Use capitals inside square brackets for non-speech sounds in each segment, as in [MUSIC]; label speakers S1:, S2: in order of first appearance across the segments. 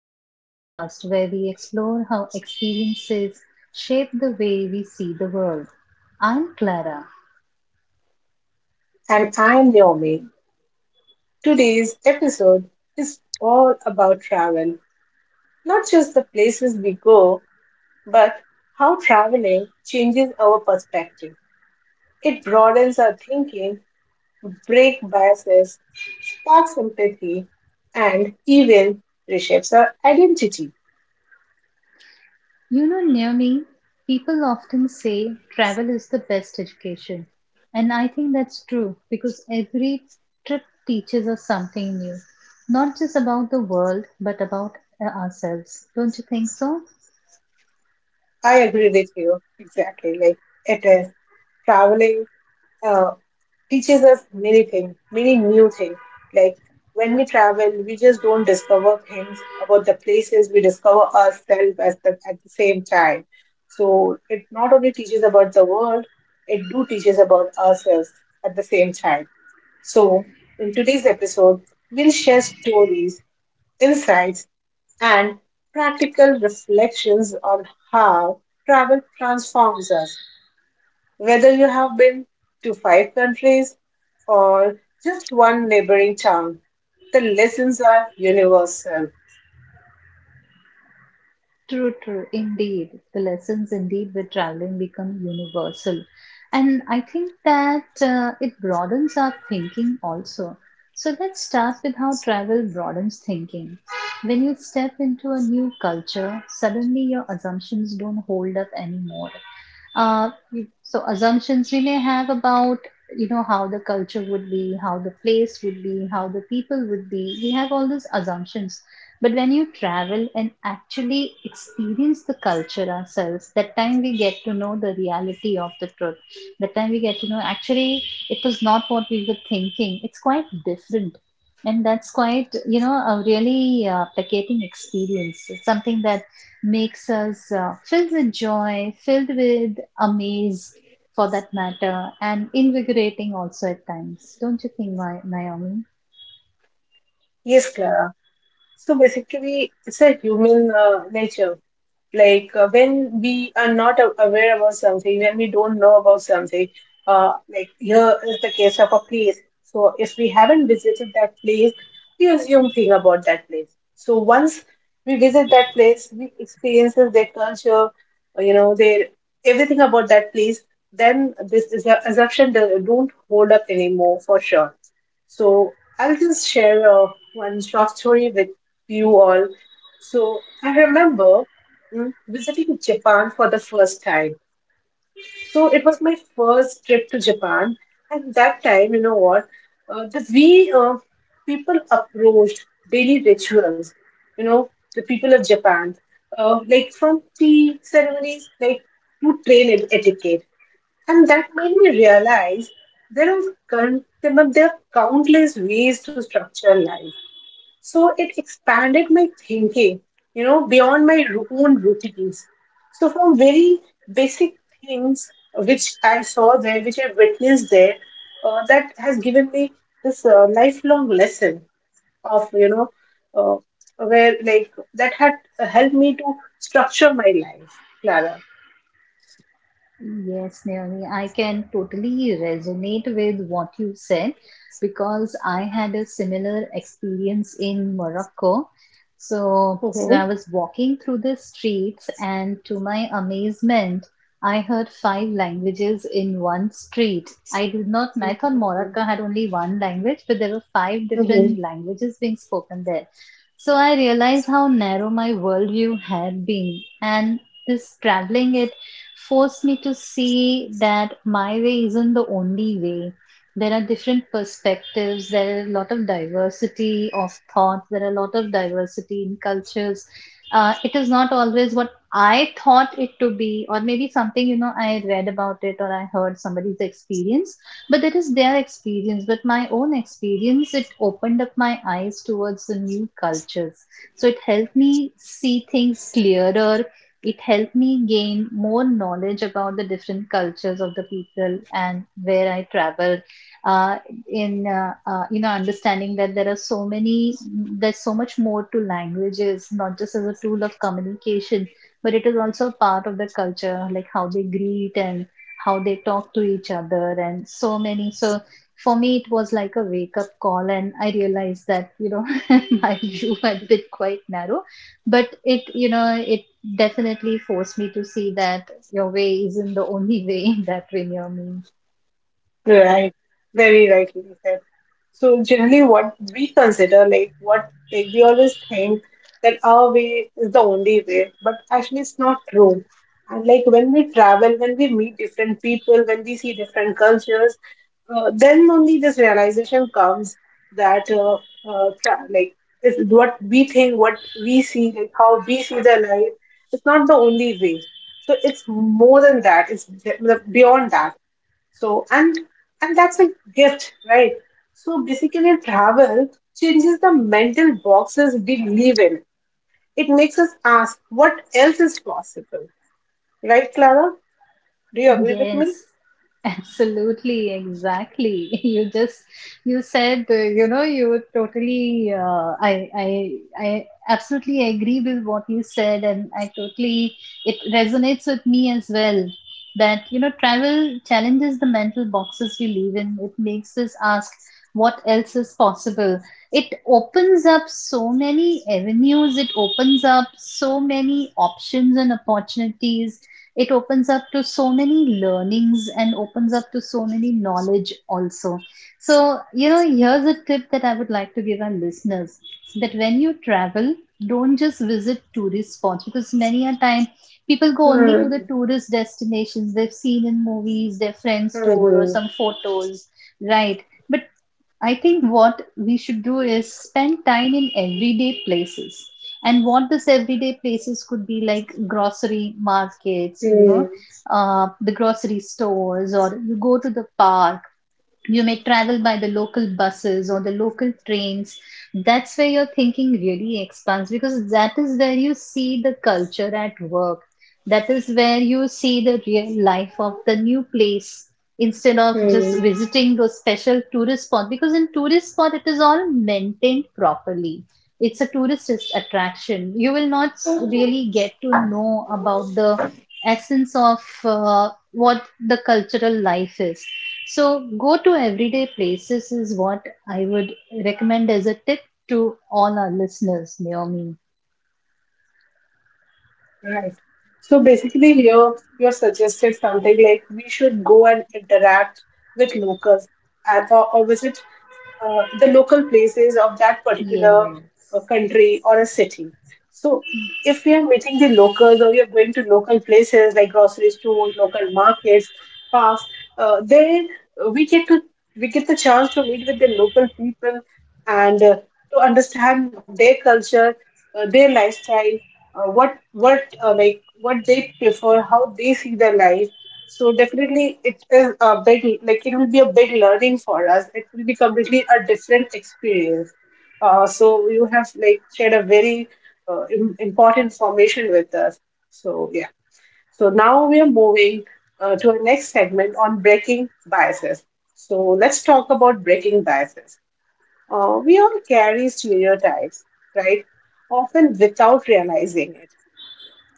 S1: the podcast where we explore how experiences shape the way we see the world. I'm Clara.
S2: And I'm Naomi. Today's episode is all about travel, not just the places we go, but how traveling changes our perspective. It broadens our thinking, breaks biases, sparks empathy, and even reshapes our identity.
S1: You know, near me, people often say travel is the best education. And I think that's true because every trip teaches us something new, not just about the world, but about ourselves. Don't you think so?
S2: I agree with you exactly. Like it is traveling uh, teaches us many things, many new things. Like when we travel, we just don't discover things about the places, we discover ourselves at the same time. So it not only teaches about the world, it do teaches about ourselves at the same time. So in today's episode, we'll share stories, insights, and practical reflections on how travel transforms us whether you have been to five countries or just one neighboring town, the lessons are universal.
S1: True, true, indeed. The lessons, indeed, with traveling become universal. And I think that it broadens our thinking also. So let's start with how travel broadens thinking. When you step into a new culture, suddenly your assumptions don't hold up anymore. Uh, so assumptions we may have about you know how the culture would be, how the place would be, how the people would be. We have all these assumptions. But when you travel and actually experience the culture ourselves, that time we get to know the reality of the truth. That time we get to know actually it was not what we were thinking. It's quite different. And that's quite, you know, a really placating experience. It's something that makes us filled with joy, filled with amaze for that matter, and invigorating also at times. Don't you think, Naomi?
S2: Yes, Clara. So basically, it's a human nature. Like when we are not aware about something, when we don't know about something, like here is the case of a place. So if we haven't visited that place, we assume thing about that place. So once we visit that place, we experiences their culture, you know, their everything about that place, then this is a assumption that don't hold up anymore for sure. So I'll just share one short story with you all. So I remember visiting Japan for the first time. So it was my first trip to Japan, and that time, you know what, the way people approached daily rituals, you know, the people of Japan, like from tea ceremonies, like to train etiquette, and that made me realize there are, there are countless ways to structure life. So it expanded my thinking, you know, beyond my own routines. So from very basic things which I saw there, which I witnessed there, that has given me this lifelong lesson of, you know, where like that had helped me to structure my life, Clara.
S1: Yes, Naomi, I can totally resonate with what you said because I had a similar experience in Morocco. So, when
S2: Mm-hmm.
S1: I was walking through the streets, and to my amazement, I heard five languages in one street. I did not, I thought
S2: Mhm.
S1: Morocco had only one language, but there were five
S2: Mhm.
S1: different languages being spoken there. So I realized how narrow my worldview had been. And this traveling forced me to see that my way isn't the only way. There are different perspectives, there are a lot of diversity of thoughts, there are a lot of diversity in cultures. It is not always what I thought it to be, or maybe something you know I read about it or I heard somebody's experience, but that is their experience. But my own experience, it opened up my eyes towards the new cultures. So it helped me see things clearer, it helped me gain more knowledge about the different cultures of the people and where I travel. Uh, in you know understanding that there are so many, there's so much more to languages, not just as a tool of communication, but it is also part of the culture, like how they greet and how they talk to each other, and so many. So for me it was like a wake up call and I realized that you know [LAUGHS] my view had been quite narrow but it you know it definitely forced me to see that your way isn't the only way [LAUGHS] that when you're.
S2: Right, very rightly said. So generally, what we consider, like what like we always think that our way is the only way, but actually it's not true. And like when we travel, when we meet different people, when we see different cultures, then only this realization comes that like it's what we think, what we see, like how we see the life, it's not the only way. So it's more than that. It's beyond that. So and that's a gift, right? So basically travel changes the mental boxes we live in. It makes us ask what else is possible. Right, Clara? Do you agree with
S1: Yes,
S2: me?
S1: absolutely, exactly. [LAUGHS] You said you know you were totally uh, I absolutely agree with what you said, and I totally it resonates with me as well. That you know travel challenges the mental boxes we live in. It makes us ask what else is possible. It opens up so many avenues. It opens up so many options and opportunities, it opens up to so many learnings and opens up to so many knowledge also. So you know here's a tip that I would like to give our listeners that when you travel don't just visit tourist spots because many a time people go only to the
S2: Hmm.
S1: tourist destinations they've seen in movies, their friends told or
S2: Hmm.
S1: some photos, right? But I think what we should do is spend time in everyday places. And what this everyday places could be like grocery markets, you
S2: Hmm.
S1: know, the grocery stores, or you go to the park, you may travel by the local buses or the local trains. That's where your thinking really expands because that is where you see the culture at work, that is where you see the real life of the new place instead of just
S2: Hmm.
S1: visiting those special tourist spots. Because in tourist spot it is all maintained properly, it's a tourist attraction. You will not really get to know about the essence of what the cultural life is. So, go to everyday places is what I would recommend as a tip to all our listeners, Naomi.
S2: Right. So basically, here you suggested something like we should go and interact with locals and or visit the local places of that particular
S1: Yes.
S2: country or a city. So, if we are meeting the locals or we are going to local places like grocery stores, local markets, parks, there we get to we get the chance to meet with the local people and to understand their culture, their lifestyle, what like what they prefer, how they see their life. So definitely it is a big, like it will be a big learning for us. It will be completely a different experience. So you have like shared a very important information with us. So yeah. So now we are moving to our next segment on breaking biases. So let's talk about breaking biases. We all carry stereotypes, right? Often without realizing it.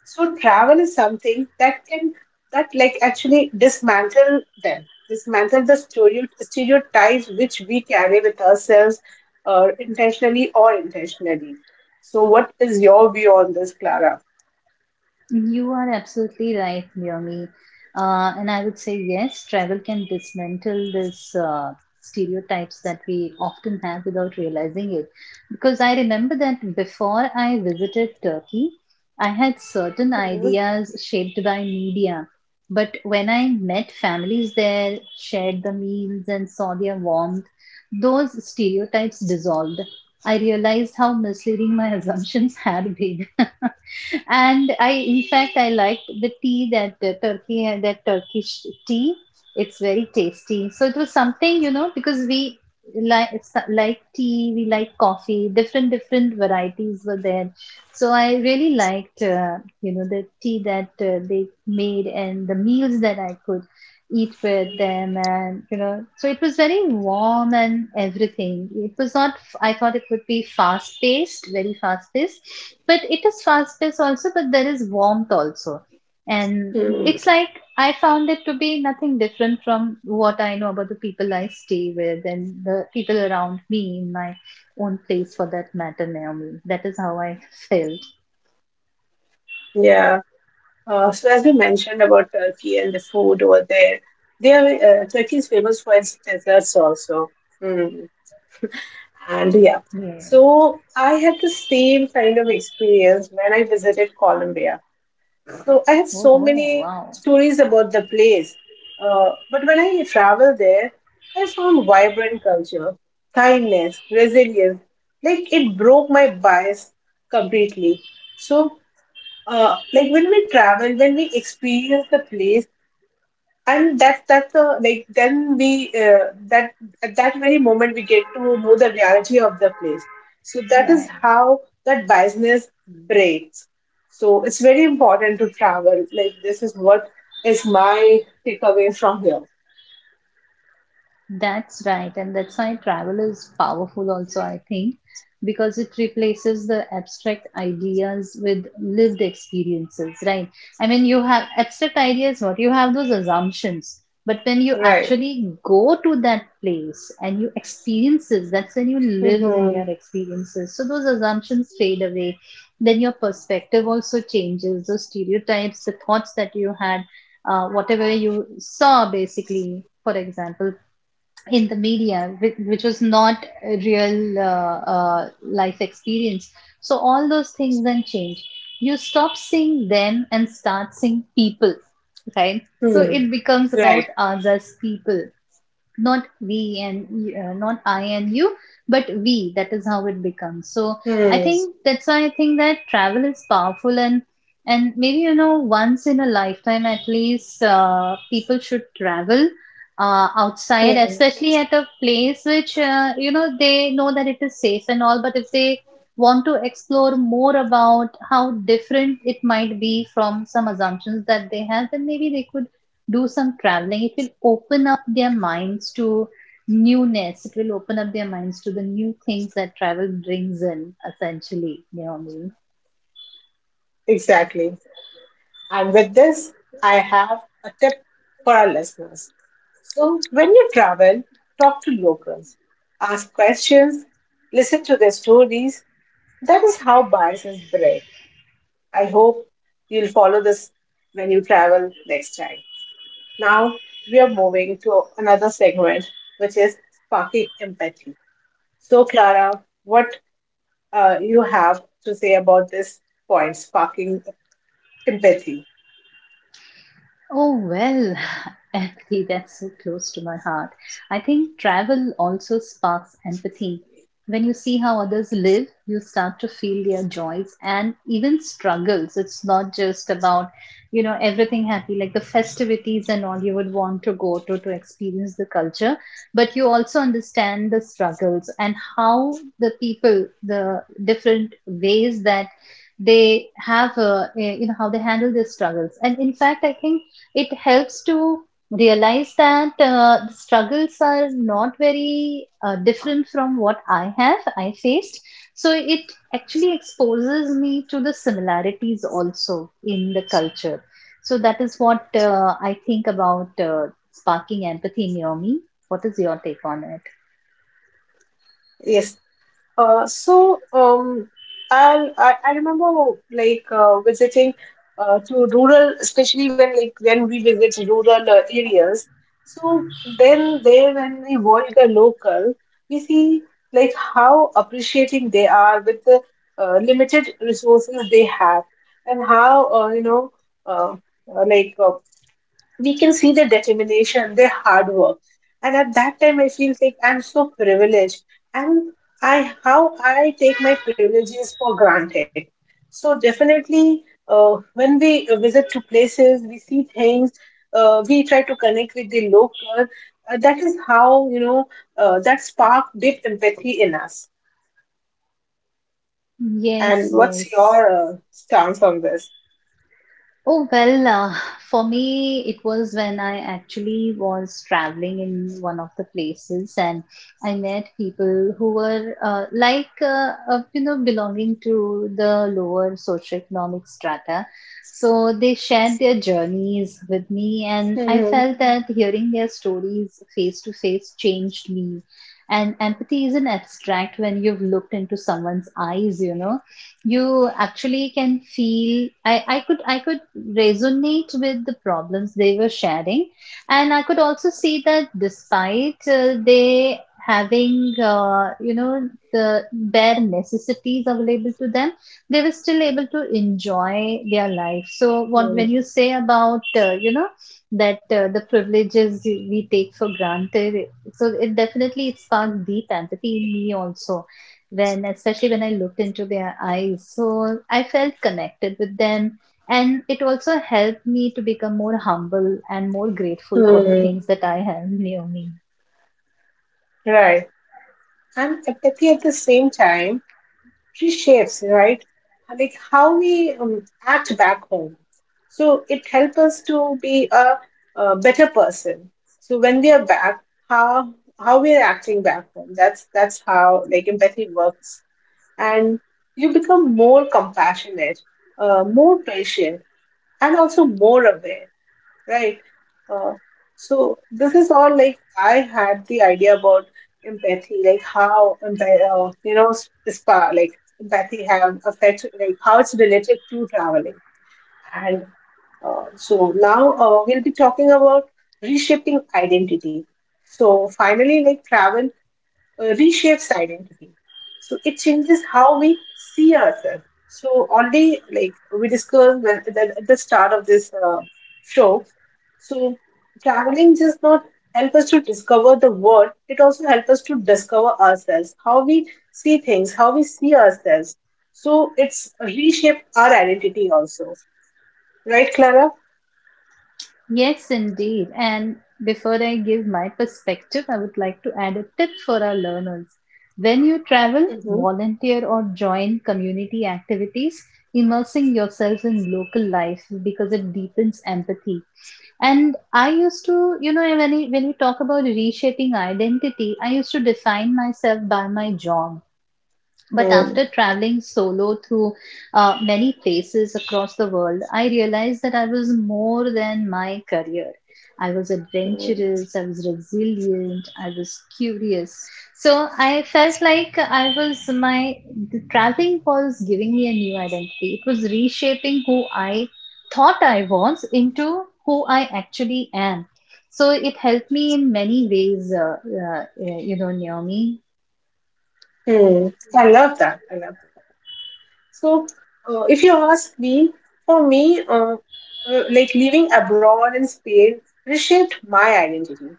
S2: So travel is something that can that like actually dismantle them, dismantle the stereotypes which we carry with ourselves, intentionally or intentionally. So, what is your view on this, Clara?
S1: You are absolutely right, Naomi. And I would say yes, travel can dismantle this stereotypes that we often have without realizing it. Because I remember that before I visited Turkey, I had certain
S2: Mhm.
S1: ideas shaped by media. But when I met families there, shared the meals, and saw their warmth, those stereotypes dissolved. I realized how misleading my [LAUGHS] assumptions had been. [LAUGHS] And I, in fact, I liked the tea that the Turkey had, that Turkish tea. It's very tasty. So it was something, you know, because we like like tea, we like coffee. Different different varieties were there. So I really liked, you know, the tea that they made and the meals that I could eat with them, and you know, so it was very warm and everything. It was not, I thought it would be fast paced, very fast paced, but it is fast paced also, but there is warmth also. And
S2: Hmm.
S1: it's like I found it to be nothing different from what I know about the people I stay with and the people around me in my own place for that matter, Naomi. That is how I [LAUGHS] felt.
S2: Yeah. So, as we mentioned about Turkey and the food over there, they are Turkey is famous for its desserts also. Hmm. And yeah.
S1: Yeah.
S2: So I had the same kind of experience when I visited Colombia. So I have so
S1: Oh,
S2: many
S1: wow.
S2: stories about the place. But when I travel there, I found vibrant culture, kindness, resilience. Like it broke my bias completely. So, like when we travel, when we experience the place, and that's a like then we that at that very moment we get to know the reality of the place. So that is
S1: Right.
S2: how that biasness breaks. So it's very important to travel. Like this is what is my takeaway from here.
S1: That's right, and that's why travel is powerful, also, I think, because it replaces the abstract ideas with lived experiences, right? I mean, you have abstract ideas, what you have those assumptions, but when you
S2: Right.
S1: actually go to that place and you experience it, that's when you live in
S2: Hmm.
S1: their experiences. So, those assumptions fade away, then your perspective also changes, those stereotypes, the thoughts that you had whatever you saw basically for example in the media, which was not a real life experience. So all those things then change. You stop seeing them and start seeing people, right? So
S2: Hmm.
S1: it becomes
S2: Right.
S1: about us as people, not we and not I and you, but we. That is how it becomes. So I
S2: Hmm.
S1: think that's why I think that travel is powerful and maybe you know once in a lifetime at least people should travel outside,
S2: Hmm.
S1: especially at a place which you know they know that it is safe and all. But if they want to explore more about how different it might be from some assumptions that they have, then maybe they could do some traveling. It will open up their minds to newness, it will open up their minds to the new things that travel brings in essentially, you know what I mean.
S2: Exactly. And with this I have a tip for our listeners. So, when you travel, talk to locals, ask questions, listen to their stories. That is how bias is bred. I hope you'll follow this when you travel next time. Now, we are moving to another segment, which is sparking empathy. So, Clara, what you have to say about this point, sparking empathy?
S1: Oh, well, [LAUGHS] empathy, that's so close to my heart. I think travel also sparks empathy. When you see how others live, you start to feel their joys and even struggles. It's not just about, you know, everything happy, like the festivities and all you would want to go to experience the culture, but you also understand the struggles and how the people, the different ways that they have, you know, how they handle their struggles. And in fact, I think it helps to realize that the struggles are not very different from what I have, I faced. So it actually exposes me to the similarities also in the culture. So that is what I think about sparking empathy in your me. What is your take on it?
S2: Yes. So I remember like visiting to rural, especially when like when we visit rural areas. So then there, when we work a local, we see like how appreciating they are with the limited resources they have, and how you know uh, like we can see their determination, their hard work. And at that time, I feel like I'm so privileged, and I how I take my privileges for granted. So definitely, when we visit to places, we see things. We try to connect with the local. That is how you know that spark deep empathy in us.
S1: Yes,
S2: And what's
S1: yes.
S2: your stance on this?
S1: Oh, well, for me, it was when I actually was traveling in one of the places and I met people who were you know, belonging to the lower socioeconomic strata. So they shared their journeys with me, and I
S2: Hmm.
S1: felt that hearing their stories face to face changed me. And empathy isn't abstract. When you've looked into someone's eyes, you know you actually can feel. I could resonate with the problems they were sharing and I could also see that despite they having you know the bare necessities available to them, they were still able to enjoy their life. So what when you
S2: Hmm.
S1: say about you know that the privileges we take for granted, so it definitely it sparked deep empathy in me also, when especially when I looked into their eyes. So I felt connected with them and it also helped me to become more humble and more grateful for the
S2: Hmm.
S1: things that I have near me.
S2: Right. And empathy at the same time shapes, right? Like how we act back home. So it helps us to be a better person. So when we are back, how we are acting back home. That's how like empathy works, and you become more compassionate, more patient, and also more aware, right? Uh, so this is all like I had the idea about empathy, like you know s- spa like empathy have affects like how it's related to traveling, and so now we'll be talking about reshaping identity. So finally, like travel reshapes identity. So it changes how we see ourselves. So only like we discussed at the start of this show, so traveling just not help us to discover the world. It also helps us to discover ourselves, how we see things, how we see ourselves. So it's reshape our identity also, right, Clara?
S1: Yes, indeed. And before I give my perspective, I would like to add a tip for our learners. When you travel,
S2: Mm-hmm.
S1: volunteer or join community activities, immersing yourself in local life because it deepens empathy. And I used to, you know, when I, when we talk about reshaping identity, I used to define myself by my job. But
S2: Hmm.
S1: after traveling solo through many places across the world, I realized that I was more than my career. I was
S2: Hmm.
S1: adventurous, I was resilient, I was curious. So I felt like I was my, the traveling was giving me a new identity. It was reshaping who I thought I was into who I actually am. So it helped me in many ways, you know, Naomi.
S2: Hmm. I love that. I love that. So, if you ask me, for me, like living abroad in Spain reshaped my identity.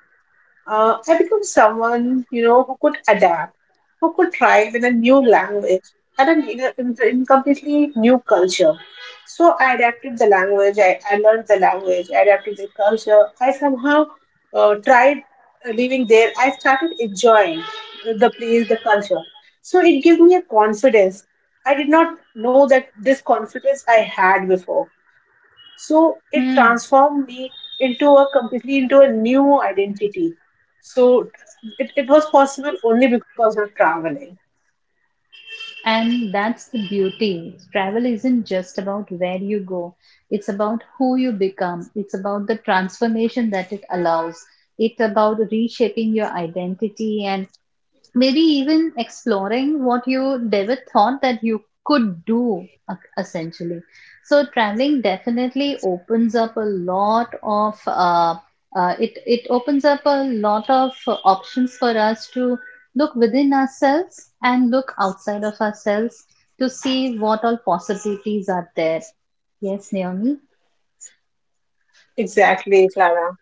S2: I became someone, you know, who could adapt, who could thrive in a new language and an in, a- in, in completely new culture. So I adapted the language, I learned the language, I adapted the culture. I somehow tried living there. I started enjoying the place, the culture. So it gave me a confidence. I did not know that this confidence I had before. So it transformed me into a new identity. So it was possible only because of traveling.
S1: And that's the beauty. Travel isn't just about where you go, it's about who you become, it's about the transformation that it allows, it's about reshaping your identity and maybe even exploring what you never thought that you could do essentially. So traveling definitely opens up a lot of uh, it opens up a lot of options for us to look within ourselves and look outside of ourselves to see what all possibilities are there, yes, Naomi.
S2: Exactly, Clara.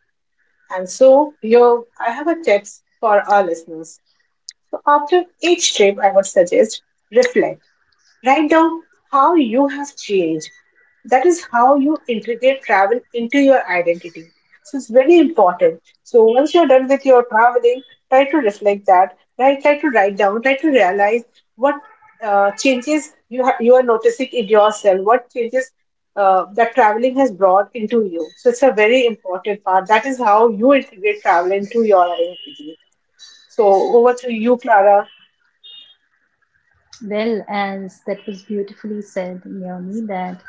S2: And so your I have a text for our listeners. So after each trip, I would suggest reflect. Write down how you have changed. That is how you integrate travel into your identity. So it's very important. So once you're done with your traveling, try to reflect that. Right, try to write down. Try to realize what changes you are noticing in yourself. What changes that traveling has brought into you. So it's a very important part. That is how you integrate travel into your identity. So over to you, Clara.
S1: Well, as that was beautifully said, Naomi, that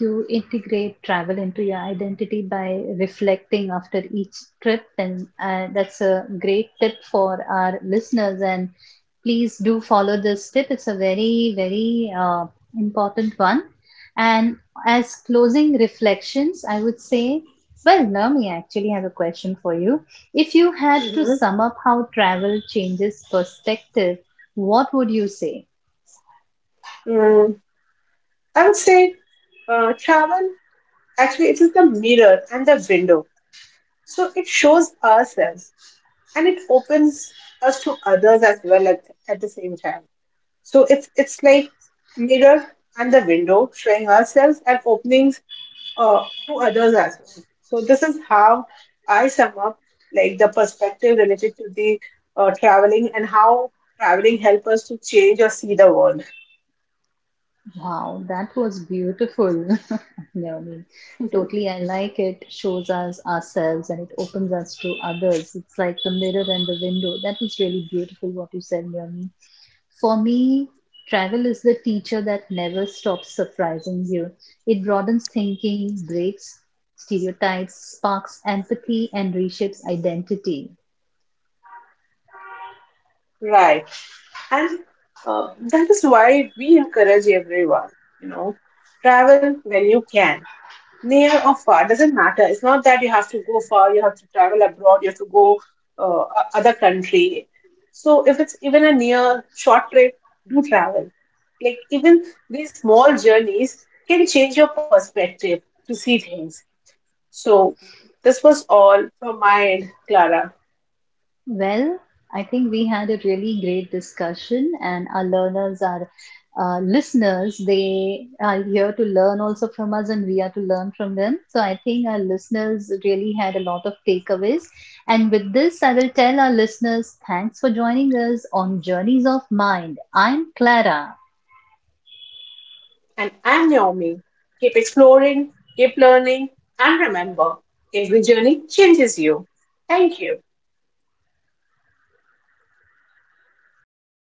S1: you integrate travel into your identity by reflecting after each trip. And that's a great tip for our listeners. And please do follow this tip. It's a very, very important one. And as closing reflections, I would say, well, Naomi, I actually have a question for you. If you had to
S2: Mhm.
S1: sum up how travel changes perspective, what would you say?
S2: Mm, I would say travel actually it is the mirror and the window. So it shows ourselves and it opens us to others as well at the same time. So it's like mirror and the window showing ourselves and openings to others as well. So this is how I sum up like the perspective related to the traveling and how traveling help us to change or see the world.
S1: Wow, that was beautiful. [LAUGHS] No, I mean,
S2: [LAUGHS]
S1: totally, I like it. Shows us ourselves and it opens us to others. It's like the mirror and the window. That was really beautiful what you said, Naomi. For me, travel is the teacher that never stops surprising you. It broadens thinking, breaks stereotypes, sparks empathy, and reshapes identity.
S2: Right. And that is why we encourage everyone, you know, travel when you can, near or far. Doesn't matter, it's not that you have to go far, you have to travel abroad, you have to go uh, other country. So if it's even a near short trip, do travel. Like even these small journeys can change your perspective to see things. So this was all from my end, Clara.
S1: Well, I think we had a really great discussion, and our learners are listeners. They are here to learn also from us, and we are to learn from them. So I think our listeners really had a lot of takeaways. And with this, I will tell our listeners thanks for joining us on Journeys of Mind. I'm Clara.
S2: And I'm Naomi. Keep exploring, keep learning, and remember, every journey changes you. Thank you.